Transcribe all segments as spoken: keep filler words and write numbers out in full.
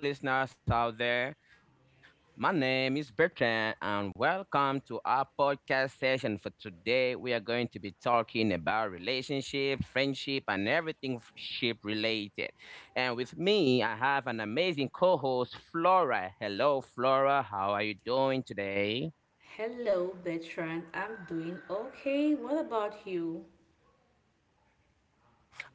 Everyone. Hello, listeners out there. My name is Bertrand, and welcome to our podcast session for today. We are going to be talking about relationships, friendship, and everything ship related. And with me, I have an amazing co host, Flora. Hello, Flora. How are you doing today? Hello, Bertrand. I'm doing okay. What about you?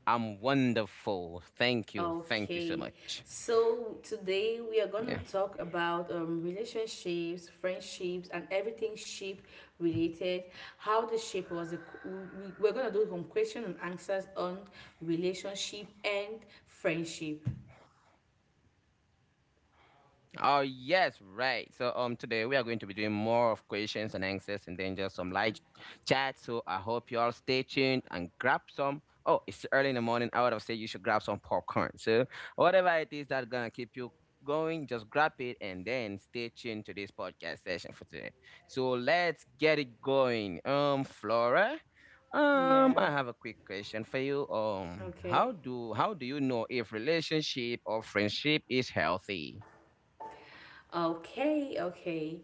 I'm wonderful. Thank you. Thank you so Okay. much. So today we are going to Yeah. talk about um, relationships, friendships, and everything ship related. How the shape was. The, we, we're going to do some question and answers on relationship and friendship. Oh yes, right. So um today we are going to be doing more of questions and answers and then just some light chat. So I hope you all stay tuned and grab some. Oh, it's early in the morning. I would have said you should grab some popcorn. So whatever it is that's gonna keep you going, just grab it and then stay tuned to this podcast session for today. So let's get it going. Um Flora, um Yeah. I have a quick question for you. Um Okay. how do how do you know if relationship or friendship is healthy? Okay, okay.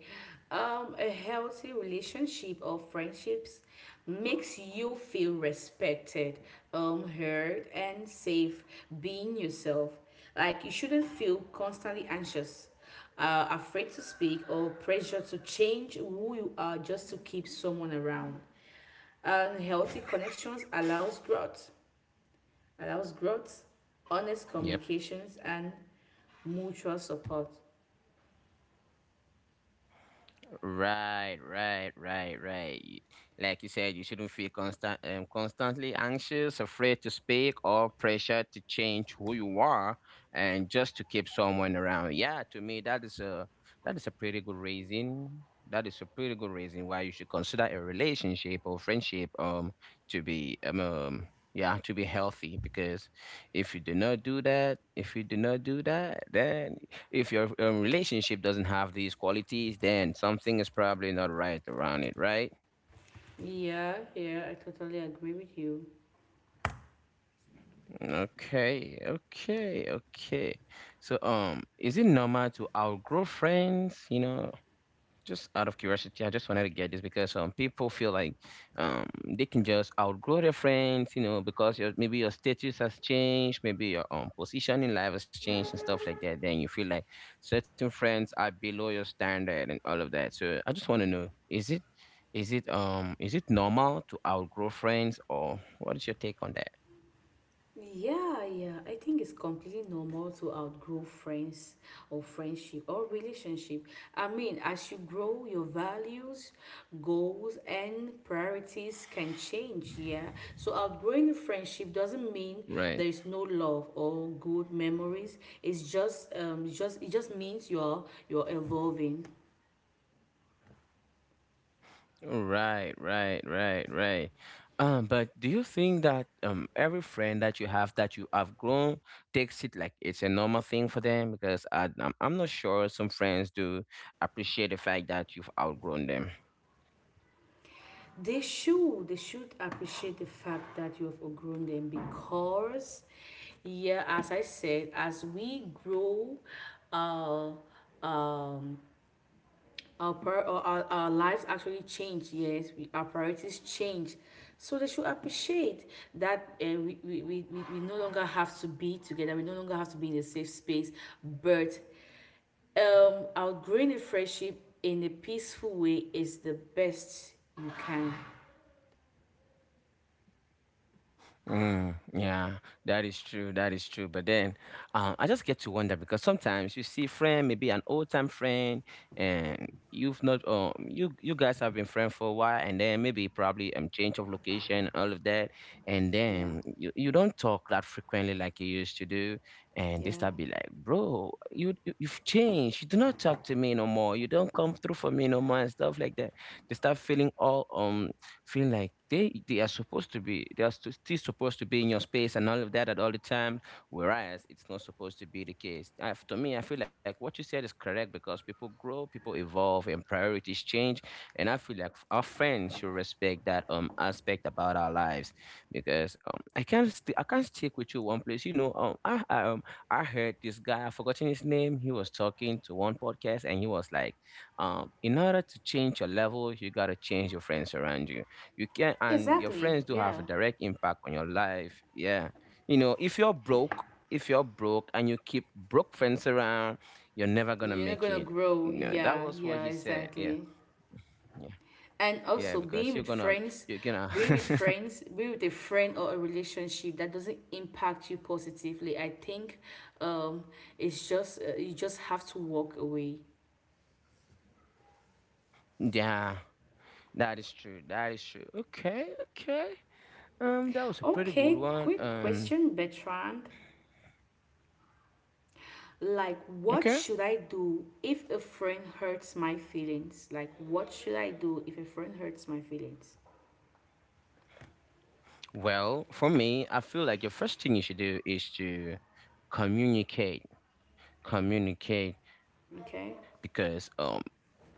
Um, a healthy relationship or friendships makes you feel respected, um, heard, and safe being yourself. Like you shouldn't feel constantly anxious, uh, afraid to speak, or pressure to change who you are just to keep someone around. And healthy connections allows growth, allows growth, honest Yep. communications, and mutual support. Right, right, right, right. Y- Like you said, you shouldn't feel constant, um, constantly anxious, afraid to speak, or pressure to change who you are, and just to keep someone around. Yeah, to me, that is a that is a pretty good reason. That is a pretty good reason why you should consider a relationship or friendship um to be um, um yeah to be healthy, because if you do not do that, if you do not do that, then if your um, relationship doesn't have these qualities, then something is probably not right around it, right? Yeah, yeah, I totally agree with you. Okay, okay, okay. So um is it normal to outgrow friends, you know just out of curiosity? I just wanted to get this because um people feel like um they can just outgrow their friends, you know, because your maybe your status has changed, maybe your um position in life has changed and stuff like that. Then you feel like certain friends are below your standard and all of that. So I just want to know, is it is it um is it normal to outgrow friends, or what is your take on that? Yeah, yeah. I think it's completely normal to outgrow friends or friendship or relationship. I mean, as you grow, your values, goals, and priorities can change. Yeah. So, outgrowing a friendship doesn't mean there Right. is no love or good memories. It's just, um, it's just, it just means you're you're evolving. Right, right, right, right. Um, but do you think that um every friend that you have that you have grown takes it like it's a normal thing for them? Because I, I'm I'm not sure some friends do appreciate the fact that you've outgrown them. they should they should appreciate the fact that you have outgrown them, because, yeah, as I said, as we grow, uh our, pri- or our, our lives actually change. Yes we, our priorities change, so they should appreciate that. uh, we, we, we, we we no longer have to be together, we no longer have to be in a safe space. But um outgrowing a friendship in a peaceful way is the best you can. Mm, yeah, that is true. That is true. But then, um, I just get to wonder because sometimes you see friend, maybe an old time friend, and you've not, um, you you guys have been friends for a while, and then maybe probably um change of location and all of that, and Yeah. then you you don't talk that frequently like you used to do, and they Yeah. start be like, bro, you you- you've changed. You do not talk to me no more. You don't come through for me no more and stuff like that. They start feeling all um feel like they they are supposed to be, they are stu- still supposed to be in your space and all of that at all the time, whereas it's not supposed to be the case. I, to me, i feel like what you said is correct because people grow, people evolve, and priorities change, and i feel like our friends should respect that um aspect about our lives, because um i can't st- i can't stick with you one place, you know um i, I um i heard this guy. I've forgotten his name. He was talking to one podcast, and he was like, um in order to change your level, you got to change your friends around you. You can, and your Exactly. friends do Yeah. have a direct impact on your life. Yeah. You know, if you're broke, if you're broke and you keep broke friends around, you're never gonna You're not make gonna it. grow. No, that Yeah. was what Yeah. he said. Yeah. Exactly. Yeah. And Yeah, also because being you're with gonna friends, you're gonna being with friends, being with a friend or a relationship that doesn't impact you positively, I think, um, it's just, uh, you just have to walk away. Yeah, that is true. That is true. Okay, okay. Um, that was a pretty good Okay. one. Quick Um, question, Bertrand. Like, what okay. should I do if a friend hurts my feelings? Like, what should I do if a friend hurts my feelings? Well, for me, I feel like the first thing you should do is to communicate. Communicate. Okay. Because um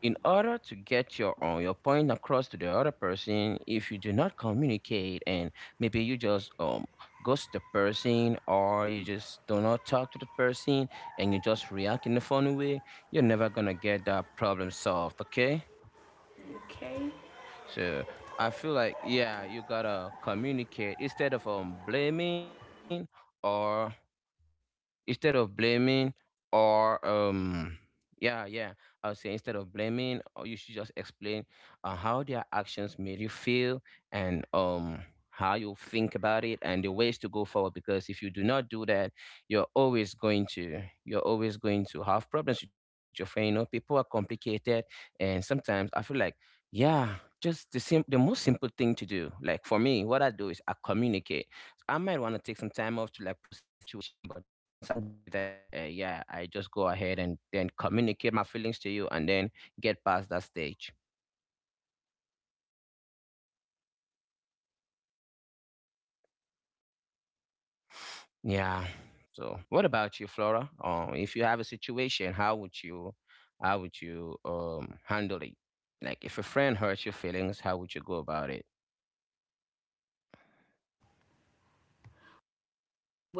in order to get your uh, your point across to the other person, if you do not communicate and maybe you just um ghost the person or you just do not talk to the person, and you just react in a funny way, you're never gonna get that problem solved, okay? Okay. So i feel like, yeah, you gotta communicate instead of um blaming, or instead of blaming, or um yeah, yeah, i would say, instead of blaming, or you should just explain uh, how their actions made you feel, and um how you think about it and the ways to go forward, because if you do not do that, you're always going to you're always going to have problems with your friend. You know people are complicated, and sometimes i feel like, yeah, just the sim- the most simple thing to do, like for me, what i do is i communicate. I might want to take some time off to like process the situation, but once I'm done with that, uh, yeah, I just go ahead and then communicate my feelings to you and then get past that stage. Yeah. So, what about you, Flora? Um, if you have a situation, how would you, how would you um handle it? Like, if a friend hurts your feelings, how would you go about it?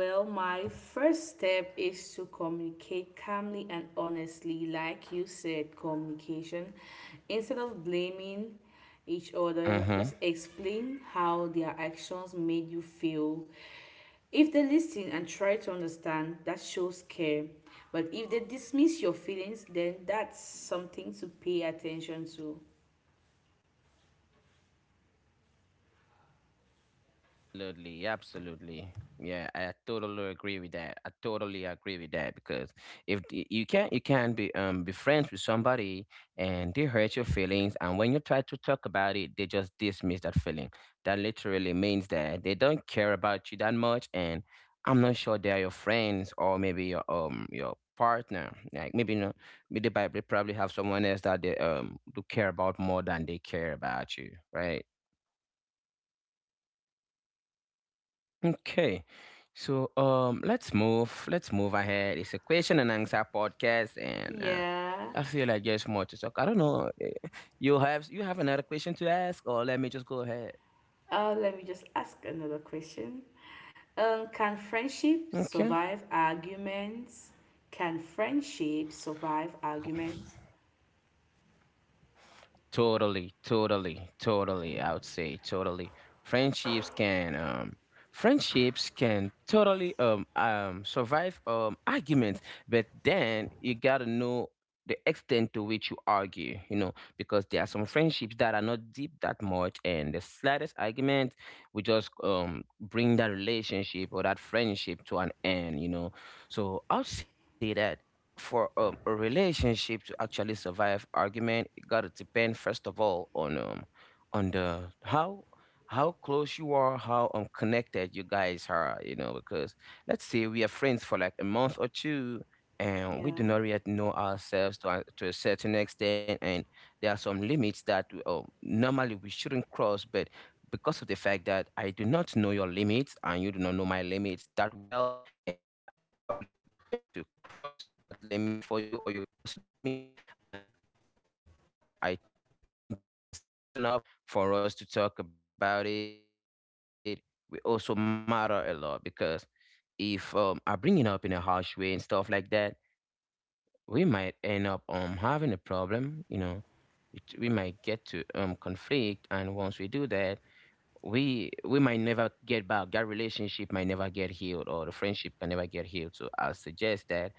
Well, my first step is to communicate calmly and honestly, like you said, communication. Instead of blaming each other, just Mm-hmm. explain how their actions made you feel. If they listen and try to understand, that shows care. But if they dismiss your feelings, then that's something to pay attention to. Absolutely, absolutely. Yeah, I totally agree with that. I totally agree with that, because if the- you can't you can't be um be friends with somebody, and they hurt your feelings, and when you try to talk about it, they just dismiss that feeling. That literally means that they don't care about you that much, and I'm not sure they are your friends, or maybe your um your partner. Like, maybe no, maybe they prob- they probably have someone else that they um do care about more than they care about you, right? Okay. So um let's move let's move ahead. It's a question and answer podcast, and uh, Yeah. I feel like there's more to talk. I don't know. eh, You have you have another question to ask, or let me just go ahead. Uh, let me just ask another question. Um, can friendship Okay. survive arguments? Can friendship survive arguments? Totally, totally, totally. I would say totally. Friendships can um friendships can totally um um survive um arguments, but then you gotta know the extent to which you argue, you know, because there are some friendships that are not deep that much, and the slightest argument will just um bring that relationship or that friendship to an end, you know. So I'll say that for um, a relationship to actually survive argument, it gotta depend first of all on um on the how how close you are, how um connected you guys are, you know because let's say we are friends for like a month or two, and we do Yeah, not yet know ourselves to a, to a certain extent, and there are some limits that um, normally we shouldn't cross, but because of the fact that i do not know your limits and you do not know my limits that well, and I probably tend to cross that limit for you or you cross it for me. And then the way um, I tend to bring the conversation up for us to talk about it, we also matter a lot, because if um, I bring it up in a harsh way and stuff like that, we might end up um, having a problem, you know. It, we might get to um, conflict, and once we do that, we we might never get back, that relationship might never get healed, or the friendship can never get healed. So I suggest that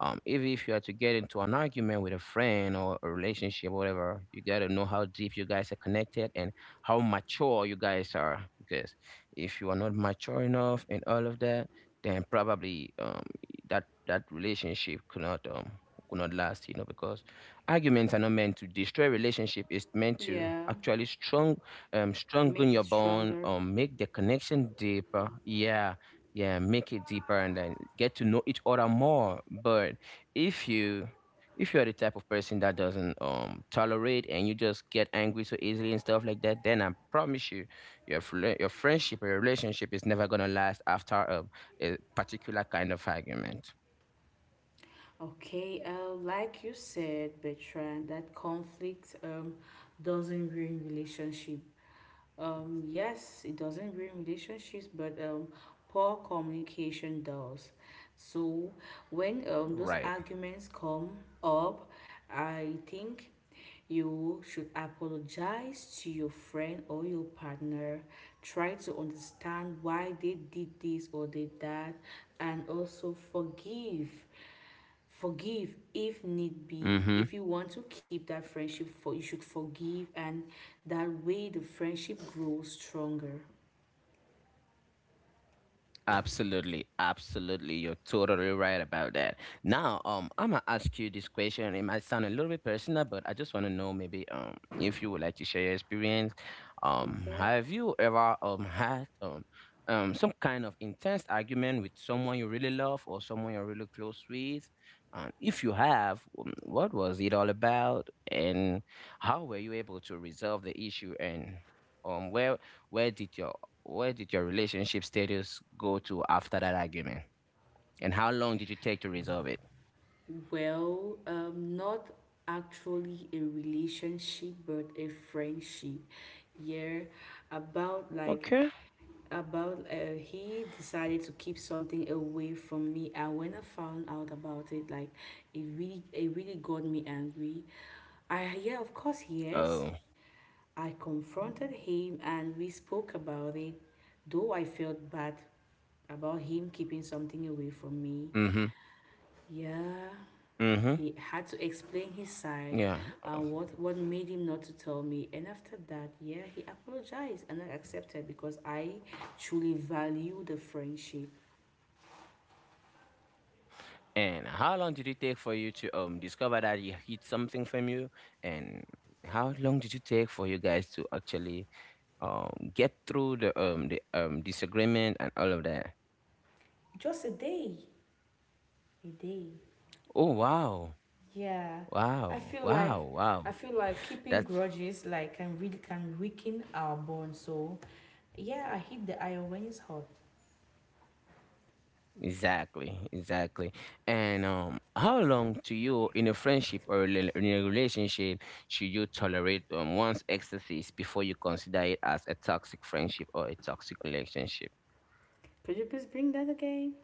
um if, if you are to get into an argument with a friend or a relationship or whatever, you got to know how deep you guys are connected and how mature you guys are, because if you are not mature enough and all of that, then probably um that that relationship could not um could not last, you know, because arguments are not meant to destroy relationship, it's meant to yeah. actually strong um strengthen Make it your bond stronger. or make the connection deeper, yeah. Yeah, make it deeper and then get to know each other more. But if you if you're the type of person that doesn't um tolerate and you just get angry so easily and stuff like that, then I promise you, your fl- your friendship or your relationship is never going to last after a, a particular kind of argument. Okay, uh, like you said, Bertrand, that conflict um, doesn't ruin relationship. Um, yes, it doesn't ruin relationships, but um, poor communication does. So when um, those Right. arguments come up, I think you should apologize to your friend or your partner. Try to understand why they did this or did that, and also forgive forgive if need be. Mhm. If you want to keep that friendship, for you should forgive, and that way the friendship grows stronger. Absolutely, absolutely. You're totally right about that. Now, um, I'm gonna ask you this question. It might sound a little bit personal, but I just want to know, maybe um if you would like to share your experience. Um, Okay. Have you ever um had um um some kind of intense argument with someone you really love or someone you're really close with? And if you have, um, what was it all about, and how were you able to resolve the issue, and um where where did your where did your relationship status go to after that argument? And how long did you take to resolve it? Well, um not actually a relationship but a friendship. Yeah. about like Okay. about uh, He decided to keep something away from me, and when I found out about it, like, it really it really got me angry. I, yeah, of course, yes. Oh. I confronted him and we spoke about it, though I felt bad about him keeping something away from me. Mm-hmm. Yeah, Mm-hmm. he had to explain his side Yeah. Uh, and what, what made him not to tell me. And after that, yeah, he apologized and I accepted because I truly value the friendship. And how long did it take for you to um discover that he hid something from you? And how long did you take for you guys to actually um get through the um the um disagreement and all of that? Just a day, a day. Oh wow. Yeah, I Wow. feel like Wow. Wow. I feel like keeping That's— grudges, like, can really can weaken our bond. So, yeah, I hit the iron when it's hot. Exactly, exactly. And um, how long to you in a friendship or rela- in a relationship should you tolerate um, one's excesses before you consider it as a toxic friendship or a toxic relationship? Could you please bring that again?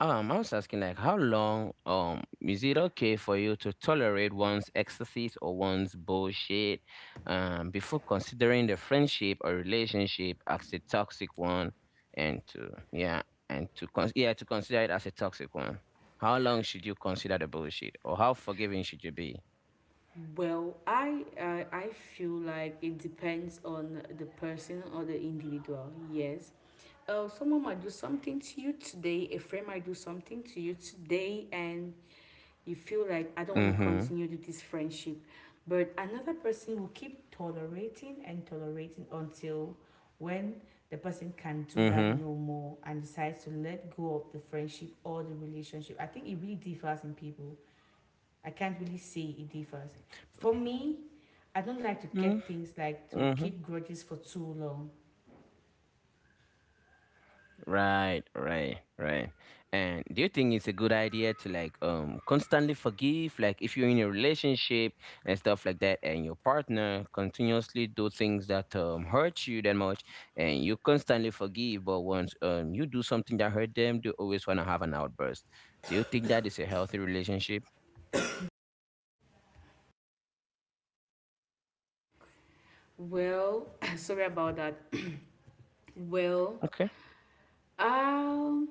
Um, I was asking like how long um is it okay for you to tolerate one's excesses or one's bullshit um before considering the friendship or relationship as a toxic one and to yeah and to con- yeah to consider it as a toxic one. How long should you consider the bullshit or how forgiving should you be? Well, I I I feel like it depends on the person or the individual. Yes. Uh, someone might do something to you today. A friend might do something to you today, and you feel like I don't want to Mm-hmm. continue with this friendship, but another person will keep tolerating and tolerating until when the person can do that Mm-hmm. no more and decides to let go of the friendship or the relationship. I think it really differs in people. I can't really say it differs. For me, I don't like to Mm-hmm. get things, like, to Mm-hmm. keep grudges for too long. Right, right, right. And do you think it's a good idea to like um constantly forgive? Like if you're in a relationship and stuff like that, and your partner continuously do things that um hurt you that much, and you constantly forgive, but once um you do something that hurt them, they always wanna have an outburst. Do you think that is a healthy relationship? Well, sorry about that. Well, Okay. um,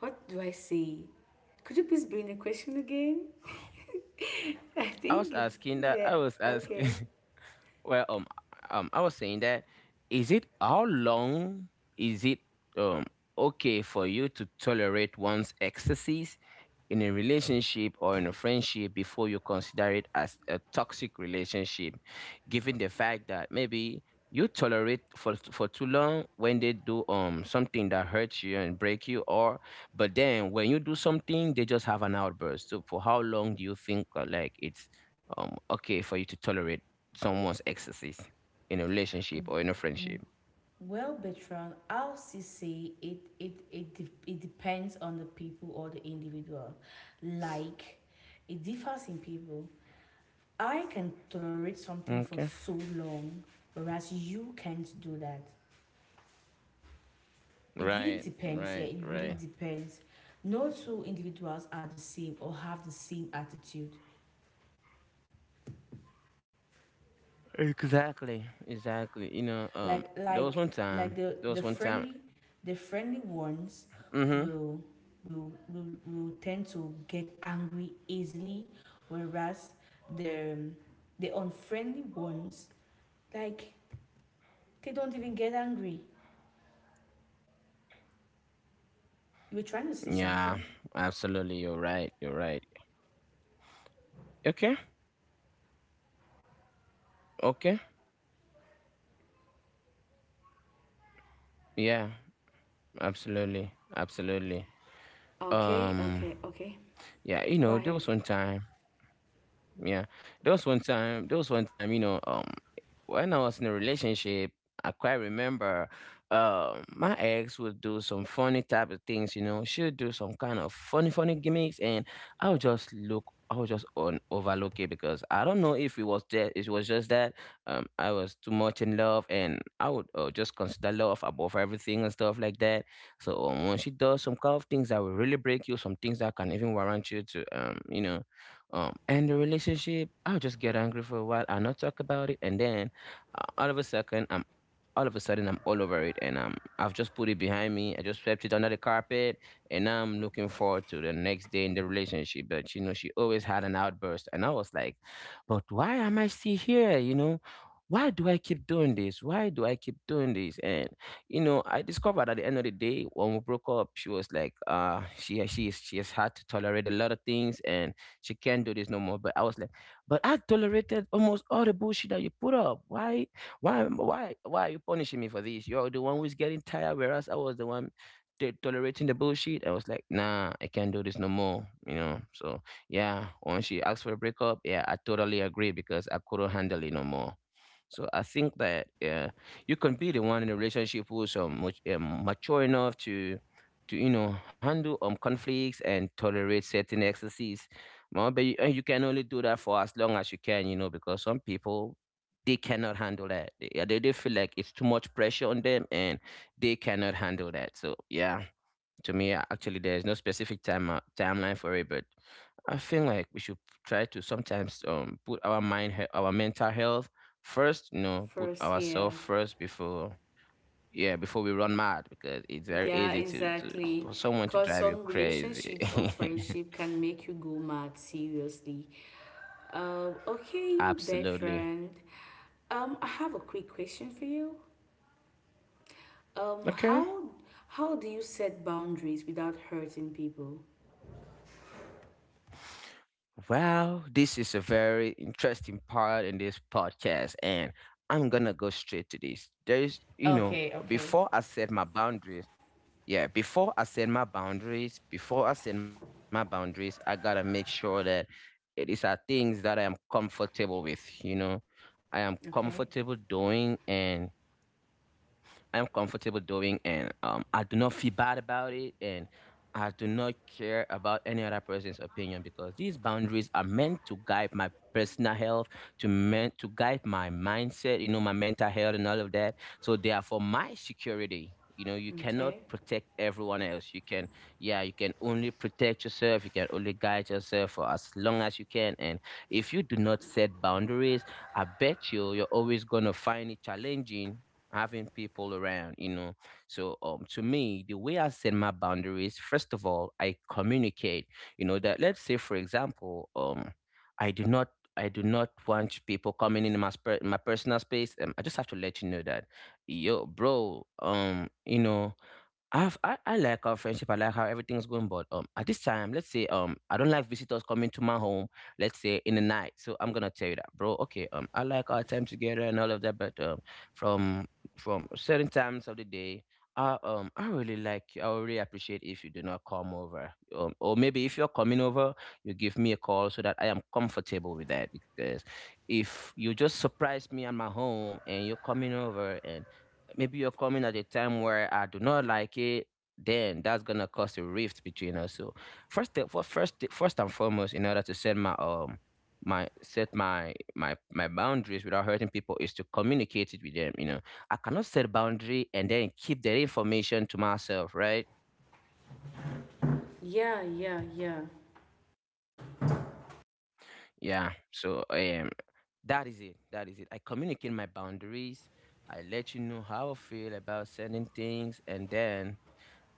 what do I say? Could you please bring the question again? I I was think it's asking that. yeah, I was asking. okay. Well, um, um, I was saying that is it how long is it um okay for you to tolerate one's excesses in a relationship or in a friendship before you consider it as a toxic relationship, given the fact that maybe you tolerate for for too long when they do um something that hurts you and break you or, but then when you do something they just have an outburst. So for how long do you think uh, like it's um okay for you to tolerate someone's excesses in a relationship or in a friendship? Well, Bertrand, I'll see say it it it de- it depends on the people or the individual. Like, it differs in people. I can tolerate something for Okay. so long, whereas you can't do that. It really Right, depends. Yeah, right, it really right. depends. No two individuals are the same or have the same attitude. Exactly, exactly. You know, um, like there was like one like time, the there the was one time. friendly the Mm-hmm. friendly ones will will will, will tend to get angry easily, whereas the the unfriendly ones, like, they don't even get angry. You were trying to say Yeah, something. absolutely. You're right. You're right. Okay, okay. Yeah, absolutely, absolutely. Okay, Um, okay, okay. yeah, you Go know, there ahead. was one time. Yeah. There was one time, there was one time, you know, um, when I was in a relationship, I quite remember um my ex would do some funny type of things, you know. She would do some kind of funny, funny gimmicks, and I would just look, I would just on overlook it because I don't know if it was that, it was just that um I was too much in love, and I would uh, just consider love above everything and stuff like that. So um, when she does some kind of things that will really break you, some things that can even warrant you to um, you know um, and the relationship, I'll just get angry for a while and not talk about it. And then uh, all of a second, I'm all of a sudden I'm all over it and um I've just put it behind me. I just swept it under the carpet and now I'm looking forward to the next day in the relationship. But you know, she always had an outburst and I was like, but why am I still here? You know, why do I keep doing this? Why do I keep doing this? And you know, I discovered at the end of the day when we broke up, she was like, uh, she she is she has had to tolerate a lot of things and she can't do this no more. But I was like, but I tolerated almost all the bullshit that you put up. Why why, am- why, why are you punishing me for this? You're the one who's getting tired, whereas I was the one to- tolerating the bullshit. I was like, nah, I can't do this no more. You know. So yeah, when she asked for a breakup, yeah, I totally agree because I couldn't handle it no more. So I think that uh, you can be the one in a relationship who's um, much, um, mature enough to to you know handle um conflicts and tolerate certain excesses. Well, but you, and you can only do that for as long as you can, you know, because some people they cannot handle that. They, yeah, they they feel like it's too much pressure on them and they cannot handle that. So yeah, to me, a- actually, there's no specific time uh, timeline for it, but I feel like we should try to sometimes um put our mind, he- our mental health first. You know, put First, ourselves yeah. first before yeah before we run mad because it's very Yeah, easy to to exactly. for someone to Because drive some you crazy. relationships or friendship can make you go mad, seriously. Um, okay, Absolutely. Bertrand. Um, I have a quick question for you. Um, Okay. how how do you set boundaries without hurting people? Well, this is a very interesting part in this podcast, and I'm gonna go straight to this. There's, you know, Okay, okay, before I set my boundaries, yeah, before I set my boundaries, before I set my boundaries, I gotta make sure that it- these are things that I am comfortable with, you know, I am okay. comfortable doing, and I am comfortable doing, and um, I do not feel bad about it, and I do not care about any other person's opinion because these boundaries are meant to guide my personal health, to meant to guide my mindset, you know, my mental health and all of that. So they are for my security. You know, you cannot Okay. protect everyone else. You can, yeah, you can only protect yourself. You can only guide yourself for as long as you can. And if you do not set boundaries, I bet you you're always gonna find it challenging having people around, you know. So um to me, the way I set my boundaries, first of all, I communicate, you know, that let's say for example, um I do not I do not want people coming in my sp- my personal space. Um, I just have to let you know that, yo, bro, um, you know, I've, I I like our friendship. I like how everything's going. But um, at this time, let's say um, I don't like visitors coming to my home. Let's say in the night. So I'm gonna tell you that, bro. Okay. Um, I like our time together and all of that. But um, from from certain times of the day, I um, I really like. I really appreciate if you do not come over. Um, or maybe if you're coming over, you give me a call so that I am comfortable with that. Because if you just surprise me at my home and you're coming over and maybe you're coming at a time where I do not like it, then that's gonna cause a rift between us. So first, the- for first, the- first and foremost, in order to set my um my set my my my boundaries without hurting people is to communicate it with them. You know, I cannot set boundary and then keep their information to myself, right? Yeah, yeah, yeah. Yeah. So um, that is it. That is it. I communicate my boundaries. I let you know how I feel about certain things, and then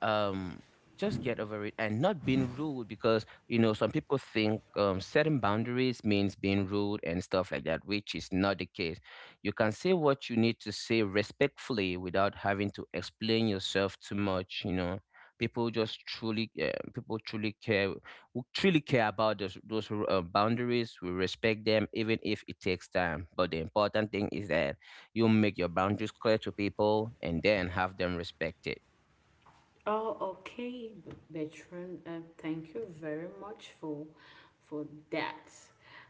um just get over it and not being rude, because you know some people think um, setting boundaries means being rude and stuff like that, which is not the case. You can say what you need to say respectfully without having to explain yourself too much, you know. people just truly uh, people truly care, who truly care about those those uh, boundaries we respect them, even if it takes time. But the important thing is that you make your boundaries clear to people and then have them respect it. Oh, okay, B- Bertrand. Uh, thank you very much for for that.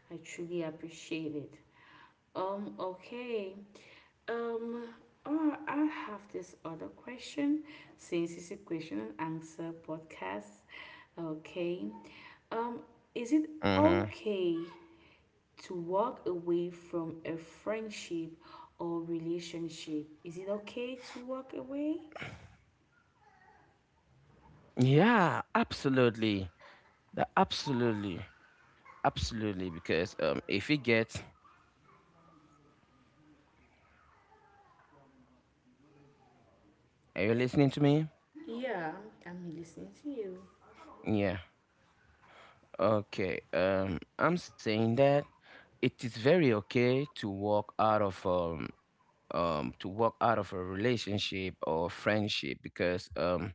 I truly appreciate it. Um, okay. Um, or I have this other question, since it's a question and answer podcast. Okay. Um, is it Hmm. okay to walk away from a friendship or relationship? Is it okay to walk away? Yeah, absolutely. That absolutely, absolutely. Because um, if it gets, are you listening to me? Yeah, I'm listening to you. Yeah. Okay. Um, I'm saying that it is very okay to walk out of um um to walk out of a relationship or friendship, because um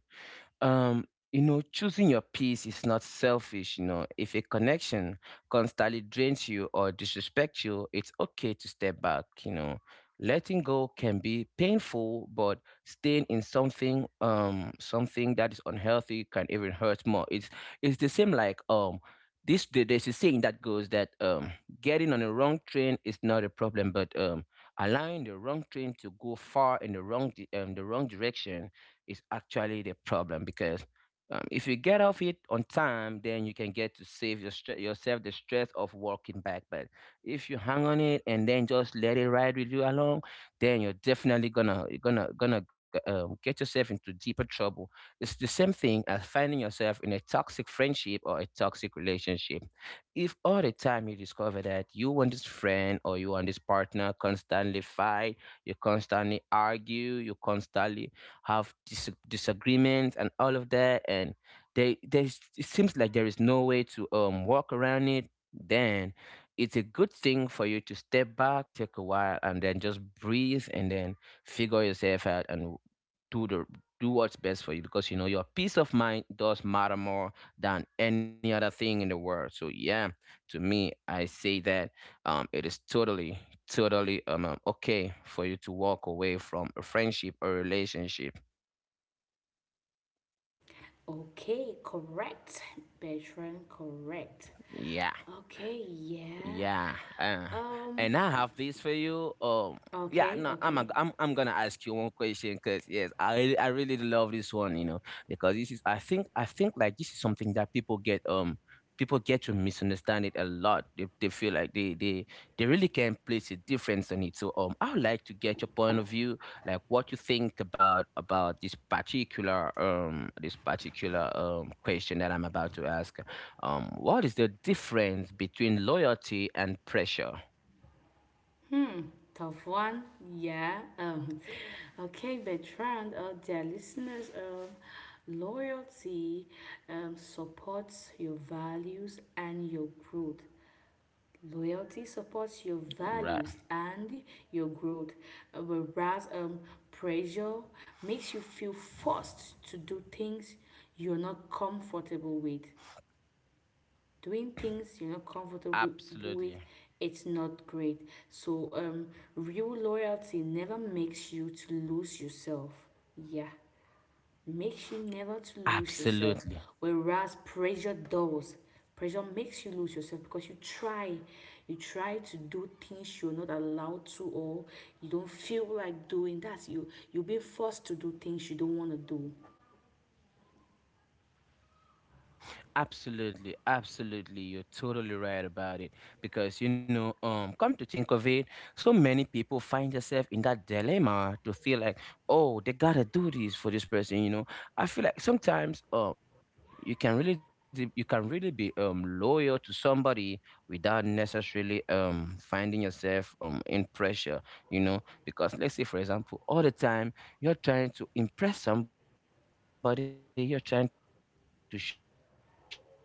um you know choosing your peace is not selfish. You know, if a connection constantly drains you or disrespects you, it's okay to step back. You know, letting go can be painful, but staying in something um something that is unhealthy can even hurt more. It's it's the same like um this there- there's a saying that goes that um getting on the wrong train is not a problem, but um allowing the wrong train to go far in the wrong di- um, the wrong direction is actually the problem. Because um, if you get off it on time, then you can get to save your stre- yourself the stress of walking back. But if you hang on it and then just let it ride with you along, then you're definitely gonna you're gonna gonna g- um, get yourself into deeper trouble. It's the same thing as finding yourself in a toxic friendship or a toxic relationship. If all the time you discover that you and this friend or you and this partner constantly fight, you constantly argue, you constantly have dis- disagreements and all of that, and they there's it seems like there is no way to um walk around it, then it's a good thing for you to step back, take a while and then just breathe, and then figure yourself out and do the do what's best for you because, you know, your peace of mind does matter more than any other thing in the world. So yeah, to me, I say that um it is totally totally um um, okay for you to walk away from a friendship or relationship. Okay, correct. Bertrand, correct. Yeah, Okay, yeah. yeah. Uh, Um, And I have this for you. Um, yeah, okay, no, I'm okay. a, I'm I'm gonna ask you one question because, yes, I really- I really love this one, you know, because this is I think I think like this is something that people get um people get to misunderstand it a lot. They they feel like they they they really can place a difference on it. So um, I would like to get your point of view, like what you think about about this particular um this particular um question that I'm about to ask. Um, what is the difference between loyalty and pressure? Tough one. Yeah. Um, okay, Bertrand, uh, dear listeners, um, loyalty, um, supports your values and your growth. Loyalty supports your Right. values and your growth, uh, whereas um, pressure makes you feel forced to do things you're not comfortable with. Doing things you're not comfortable with, Absolutely. it's not great. So, um, real loyalty never makes you to lose yourself. Yeah, makes you never to lose yourself, Absolutely. whereas pressure does. Pressure makes you lose yourself because you try, you try to do things you're not allowed to, or you don't feel like doing. That's you. You're being forced to do things you don't want to do. Absolutely. Absolutely, You're totally right about it. Because, you know, um, come to think of it, so many people find themselves in that dilemma to feel like, oh, they gotta do this for this person, you know. I feel like sometimes um you can really de- you can really be um loyal to somebody without necessarily um finding yourself um in pressure, you know. Because let's say, for example, all the time you're trying to impress somebody, you're trying to show yourself, you're trying to prove your worth to that person,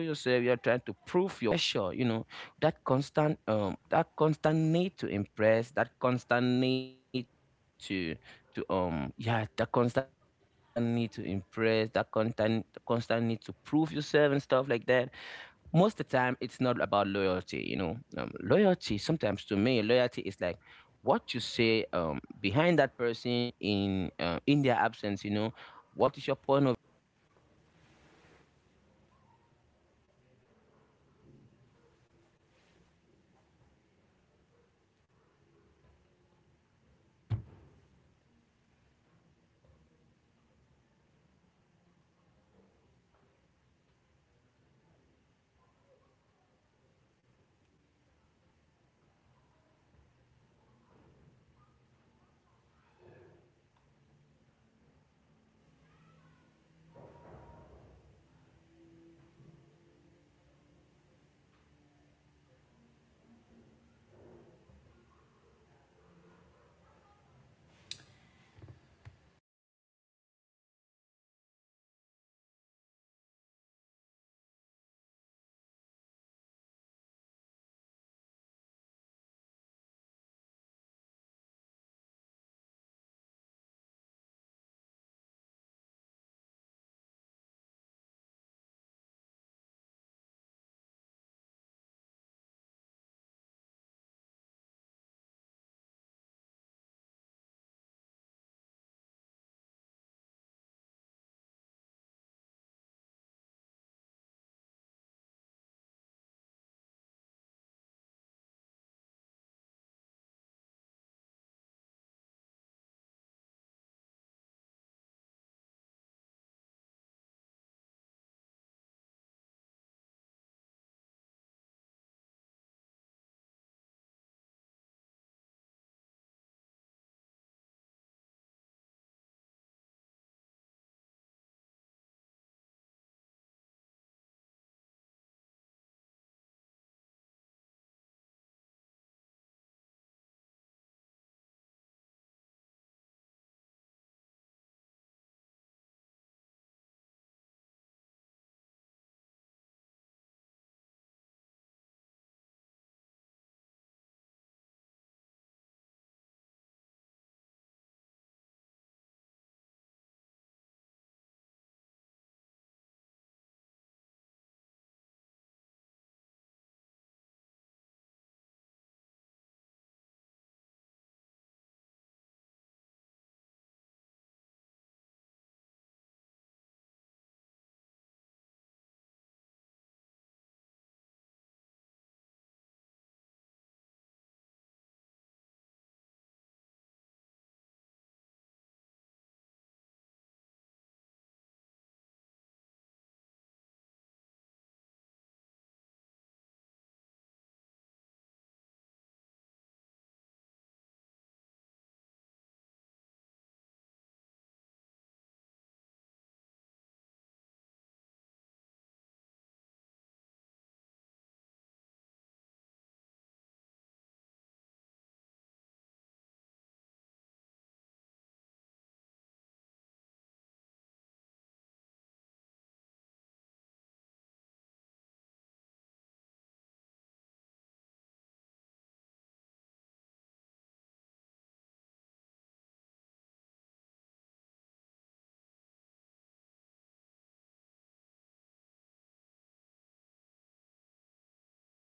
well, I feel like you are being under pressure, you know. That constant um that constant need to impress, that constant need to to um yeah, that constant need to impress, that constant constant need to prove yourself and stuff like that, most of the time it's not about loyalty, you know. Um, loyalty, sometimes, to me, loyalty is like what you say um, behind that person in uh, in their absence, you know. What is your point of view about that person? Do you go about them? Do you go about um, gossiping about them, or do you actually defend their honor? Do you stand it, stand up for them in places where they are not available to actually defend themselves, you know? To me, that is loyalty. You know, coming through for somebody, not um not backbiting about a person, you know. Um, you get in an envir- environment and they are talking about this person in a negative way, and then they are coming to you and with this topic and this type of things, you know, um wanting to wanting to drag that person along, and then you just come in and you'll be like, nah, I, I can't do this with y'all because this is not who this person is, and you try to defend that person's honor and stuff like that. To me, I feel like that is real loyalty, having that person's back without um without um them being being physically present, right? So to me, that is it. I would consider that as real loyalty. Whereas pressure um comes as a as a const- constant need impress someone. You know, you want- always want to prove yourself. You always want to prove a point and all of that. So to me, that is not um, loyalty, that is pressure. And though sometimes pressure is good, sometimes it's so unhealthy to always be under. Eh, me, I'm here talking. So, uh, right. And I hope that everybody is getting along with this. Yeah. And I hope that our listeners out there are getting entertained because, um, this podcast for today is really, really, really intriguing and interesting as we go about discussing our point of view, making sure that everything is on point and stuff like that. So, um, I'm really grateful that our listeners out there and my amazing host, um, or co-host, Flora, is also around the corner. You know, trying to bring out these very, very important questions to get the conversation going so that we can actually share out our point of view to customers or, sorry, to listeners out there who are actually, um, getting some points, some very valid points from our conversation. Yeah.